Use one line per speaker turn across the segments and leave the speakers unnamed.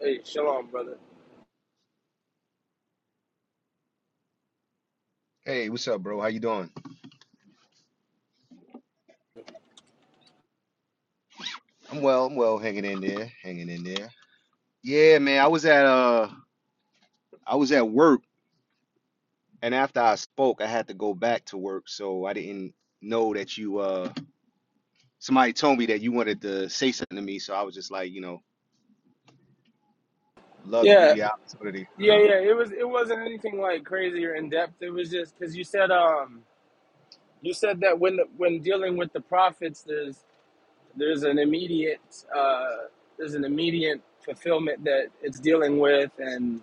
Hey, shalom, brother.
Hey, what's up, bro? How you doing? I'm well. I'm well, hanging in there, hanging in there. Yeah, man. I was at uh, I was at work, and after I spoke, I had to go back to work, so I didn't know that you uh, somebody told me that you wanted to say something to me, so I was just like, you know, love to give
Yeah,
you the opportunity.
yeah,
Mhm.
yeah. It was it wasn't anything like crazy or in depth. It was just because you said um you said that when when dealing with the prophets, there's there's an immediate uh there's an immediate fulfillment that it's dealing with, and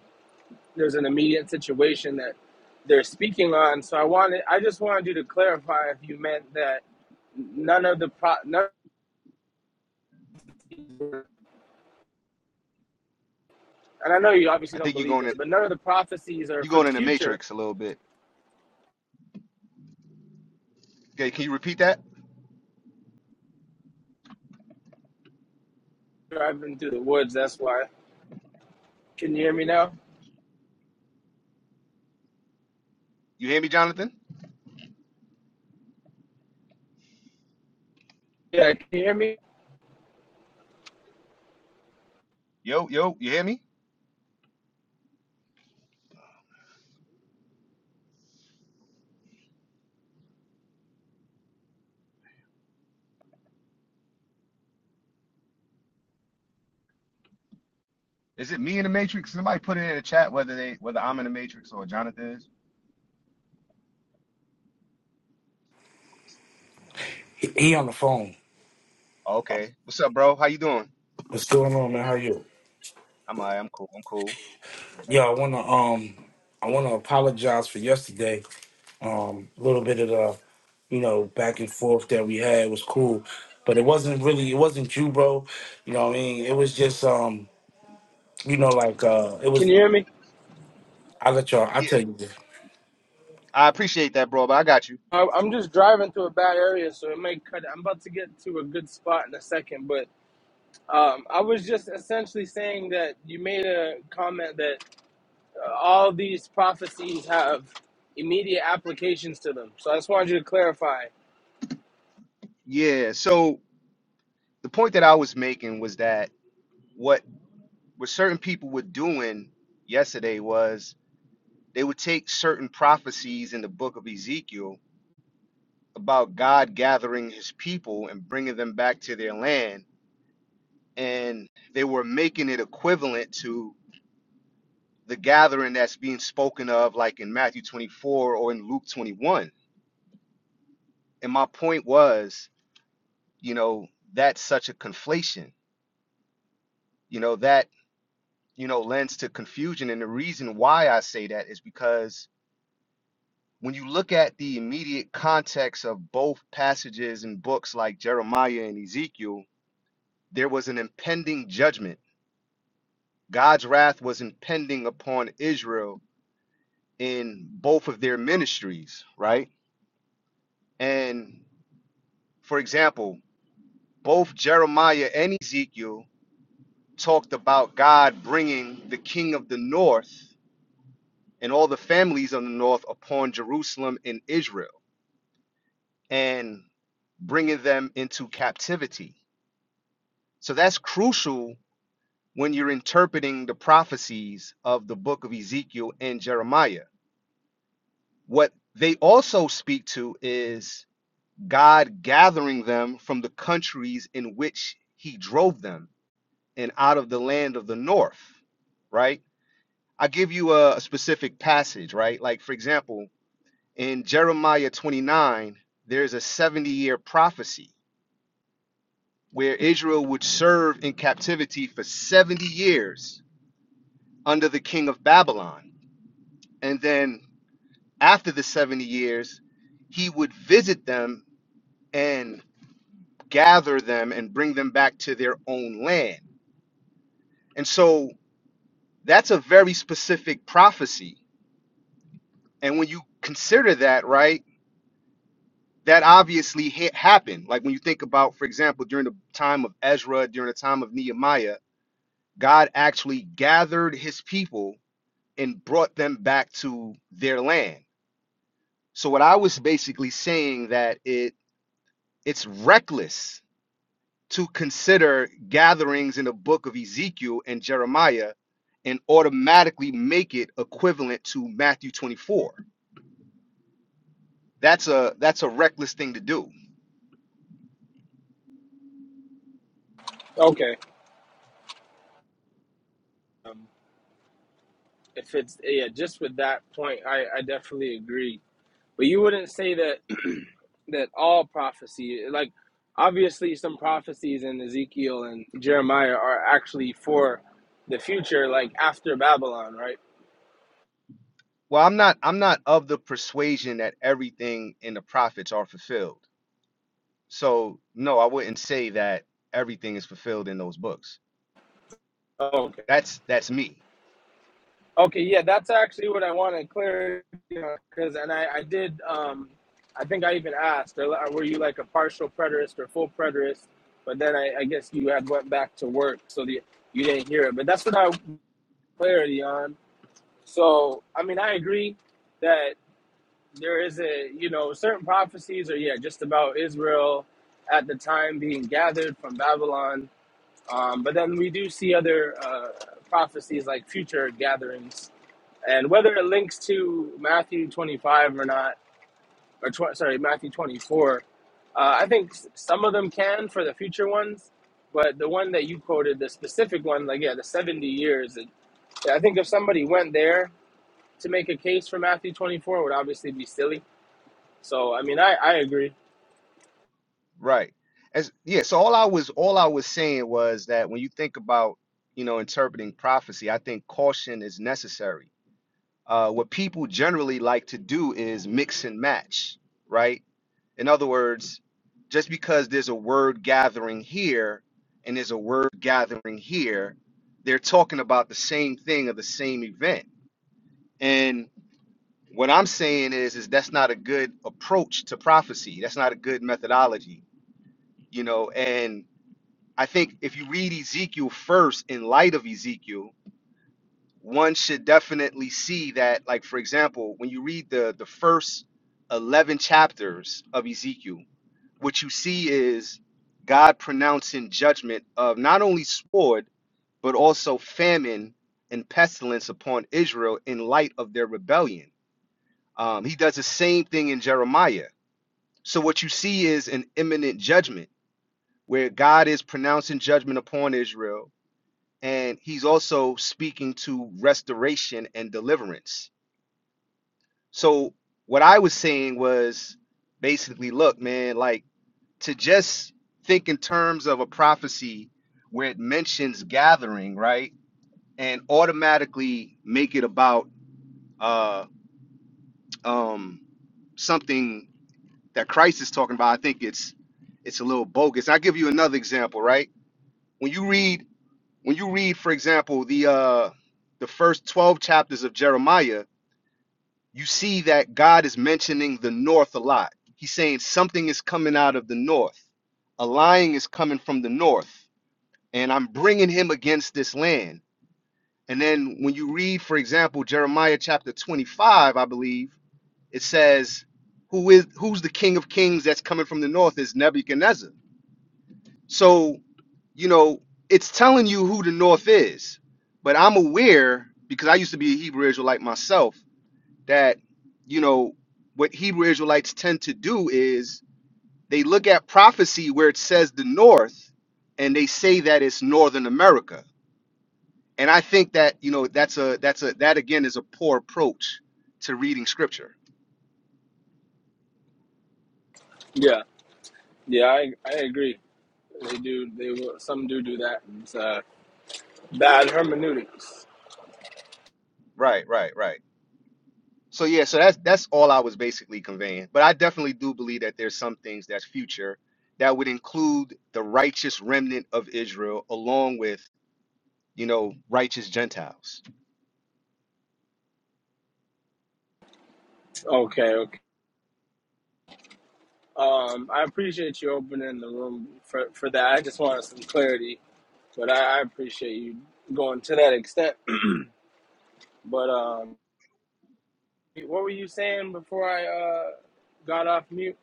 there's an immediate situation that they're speaking on. So I wanted I just wanted you to clarify if you meant that none of the pro none and I know you obviously
I
don't
think you're
believe
going
this,
to
but none of the prophecies are
you
for the
going in the
future.
matrix a little bit. Okay, can you repeat that?
I've been through the woods, that's why. Can you hear me now?
You hear me, Jonathan?
Yeah, can you hear me?
Yo, yo, you hear me? Is it me in the matrix? Somebody put it in the chat whether they whether I'm in the matrix or Jonathan is.
He on the phone.
Okay. What's up, bro? How you doing?
What's going on, man? How you?
I'm all right. I'm cool. I'm cool.
Yeah, I wanna um I wanna apologize for yesterday. Um a little bit of the you know, back and forth that we had was cool. But it wasn't really it wasn't you, bro. You know what I mean? It was just um, you know, like uh it
Can
was
you hear me?
I'll let y'all I'll
Yeah,
tell you.
I appreciate that, bro. But I got you.
I- I'm just driving through a bad area, so it might cut. I'm about to get to a good spot in a second, but um, I was just essentially saying that you made a comment that uh, all these prophecies have immediate applications to them. So I just wanted you to clarify.
Yeah. So the point that I was making was that what what certain people were doing yesterday was they would take certain prophecies in the book of Ezekiel about God gathering His people and bringing them back to their land, and they were making it equivalent to the gathering that's being spoken of, like in Matthew 24 or in Luke 21. And my point was, you know, that's such a conflation you know that you know lends to confusion and the reason why i say that is because when you look at the immediate context of both passages in books like jeremiah and ezekiel there was an impending judgment god's wrath was impending upon israel in both of their ministries right and for example both jeremiah and ezekiel talked about god bringing the king of the north and all the families of the north upon Jerusalem and Israel and bringing them into captivity. So that's crucial when you're interpreting the prophecies of the book of Ezekiel and Jeremiah. What they also speak to is God gathering them from the countries in which he drove them and out of the land of the north, right? I give you a, a specific passage, right? Like, for example, in Jeremiah 29, there's a 70 year prophecy where Israel would serve in captivity for 70 years under the king of Babylon. And then after the 70 years, he would visit them and gather them and bring them back to their own land. And so that's a very specific prophecy. And when you consider that, right, that obviously ha- happened. Like when you think about, for example, during the time of Ezra, during the time of Nehemiah, God actually gathered his people and brought them back to their land. So what I was basically saying that it it's reckless to consider gatherings in the book of Ezekiel and Jeremiah and automatically make it equivalent to Matthew 24. That's a that's a reckless thing to do.
Okay. Um, if it's yeah, just with that point, I, I definitely agree. But you wouldn't say that that all prophecy, like obviously some prophecies in Ezekiel and Jeremiah are actually for the future, like after Babylon, right?
Well, I'm not I'm not of the persuasion that everything in the prophets are fulfilled. So no, I wouldn't say that everything is fulfilled in those books.
Okay.
That's that's me,
Okay, yeah, that's actually what I want to clear you know, because, and I, I did, um, I think I even asked, or were you like a partial preterist or full preterist? But then I, I guess you had went back to work, so the, you didn't hear it. But that's what I clarity on. So, I mean, I agree that there is a you know certain prophecies are yeah just about Israel at the time being gathered from Babylon, um, but then we do see other uh, prophecies like future gatherings, and whether it links to Matthew twenty five or not, or tw- sorry Matthew twenty four, uh, I think s- some of them can for the future ones, but the one that you quoted, the specific one, like yeah, the seventy years, it, I think if somebody went there to make a case for Matthew twenty four, it would obviously be silly so I mean, I I agree.
right? As yeah, so all I was all I was saying was that when you think about you know interpreting prophecy, I think caution is necessary. Uh, what people generally like to do is mix and match, right? In other words, just because there's a word gathering here and there's a word gathering here, they're talking about the same thing or the same event. And what I'm saying is, is that's not a good approach to prophecy. That's not a good methodology you know and i think if you read ezekiel first in light of ezekiel one should definitely see that like for example when you read the the first 11 chapters of ezekiel what you see is god pronouncing judgment of not only sword but also famine and pestilence upon israel in light of their rebellion um, he does the same thing in jeremiah so what you see is an imminent judgment where God is pronouncing judgment upon Israel and he's also speaking to restoration and deliverance. So what I was saying was basically look man like to just think in terms of a prophecy where it mentions gathering, right? And automatically make it about uh um something that Christ is talking about. I think it's it's a little bogus. I'll give you another example, right? When you read when you read, for example, the uh the first 12 chapters of Jeremiah, you see that God is mentioning the north a lot. He's saying something is coming out of the north. A lion is coming from the north, and I'm bringing him against this land. And then when you read, for example, Jeremiah chapter 25, I believe, it says who is who's the king of kings that's coming from the north is Nebuchadnezzar. So you know, it's telling you who the North is. But I'm aware, because I used to be a Hebrew Israelite myself, that, you know, what Hebrew Israelites tend to do is they look at prophecy where it says the North and they say that it's Northern America. And I think that, you know, that's a, that's a, that again is a poor approach to reading scripture.
Yeah, yeah, I I agree. They do. They will. Some do do that. It's uh, bad hermeneutics.
Right, right, right. So yeah, so that's that's all I was basically conveying. But I definitely do believe that there's some things that's future that would include the righteous remnant of Israel along with, you know, righteous Gentiles.
Okay, okay. Um, I appreciate you opening the room for for that. I just wanted some clarity, but I, I appreciate you going to that extent. But um, what were you saying before I uh got off mute?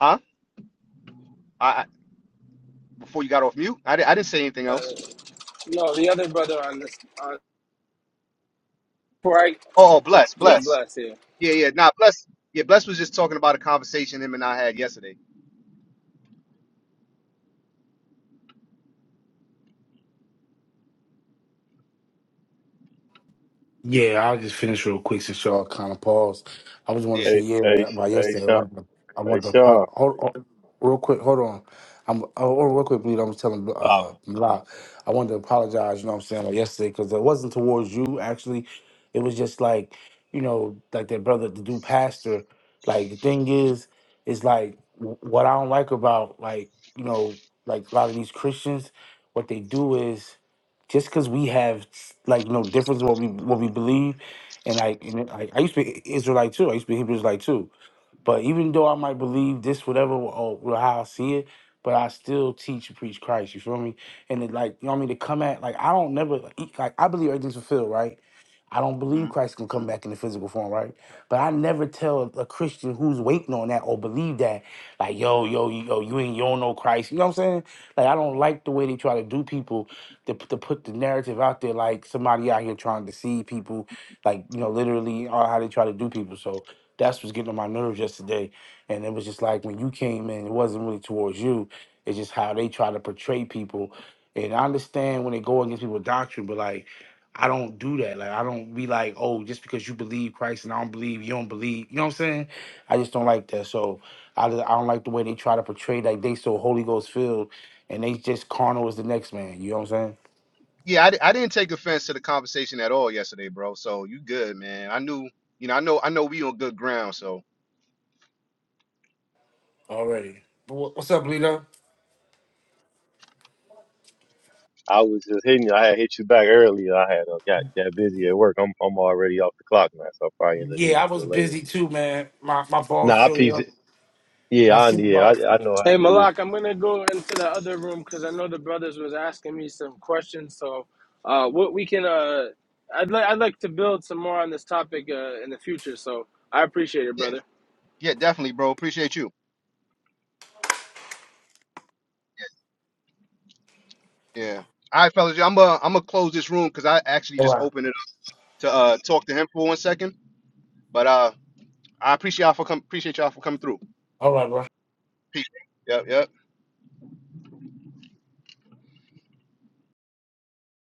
Huh? I, I before you got off mute, I, di- I didn't say anything
Uh,
else.
no, the other brother on this. On, before I
Oh, oh, bless,
yeah,
bless.
bless you.
Yeah, yeah, nah, bless. Yeah, bless was just talking about a conversation him and I had yesterday.
Yeah, I'll just finish real quick since y'all kind of paused. I just want to
Yeah.
say,
Hey, hey,
yeah,
Sh-
about
hey,
yesterday, I
Sean.
wanted to, I
Hey,
wanted to po-
Sean.
hold on, real quick. Hold on, I'm oh, hold real quick, bleed. I was telling
Uh,
uh, Block, I wanted to apologize. You know what I'm saying? Like yesterday, because it wasn't towards you. Actually, it was just like, you know, like that brother, the dude pastor. Like the thing is, is like w- what I don't like about like you know like a lot of these Christians, what they do is just because we have like you know difference in what we what we believe, and I, and I I used to be Israelite too. I used to be Hebrew Israelite too. But even though I might believe this, whatever, or, or how I see it, but I still teach and preach Christ. You feel me? And it like, you know what I mean? To come at, like, I don't never, like, e, like, I believe everything's fulfilled, right? I don't believe
Mhm.
Christ can come back in the physical form, right? But I never tell a Christian who's waiting on that or believe that, like, yo, yo, yo, you ain't, you don't know Christ. You know what I'm saying? Like, I don't like the way they try to do people to, to put the narrative out there, like somebody out here trying to deceive people, like, you know, literally, or how they try to do people. So, that's what's getting on my nerves yesterday. And it was just like when you came in, it wasn't really towards you. It's just how they try to portray people. And I understand when they go against people's doctrine, but like I don't do that. Like I don't be like, oh, just because you believe Christ and I don't believe, you don't believe. You know what I'm saying? I just don't like that. So I just, I don't like the way they try to portray like they so Holy Ghost filled and they just carnal as the next man. You know what I'm saying?
Yeah, I, di- I didn't take offense to the conversation at all yesterday, bro. So you good, man. I knew, you know, I know I know we on good ground, so
Already. Wha- What's up, Lito?
I was just hitting you. I had hit you back earlier. I had uh, got got busy at work. I'm I'm already off the clock now, so I'll probably end up hitting you
Yeah, I
a
was
little later.
busy too, man. My my boss
Nah, I
showed
peeped.
up.
it. Yeah,
My
I yeah,
supervisor.
I I know how
Hey
it is.
Malak, I'm gonna go into the other room because I know the brothers was asking me some questions. So, uh, what we can, uh, I'd like I'd like to build some more on this topic uh, in the future. So I appreciate it,
yeah.
brother.
Yeah, definitely, bro. Appreciate you. Yeah. All right, fellas. I'm uh, I'm gonna close this room because I actually
All
just
right.
opened it up to uh, talk to him for one second. But uh, I appreciate y'all for com- appreciate y'all for coming through.
All right, bro.
Peace. Yep. Yep.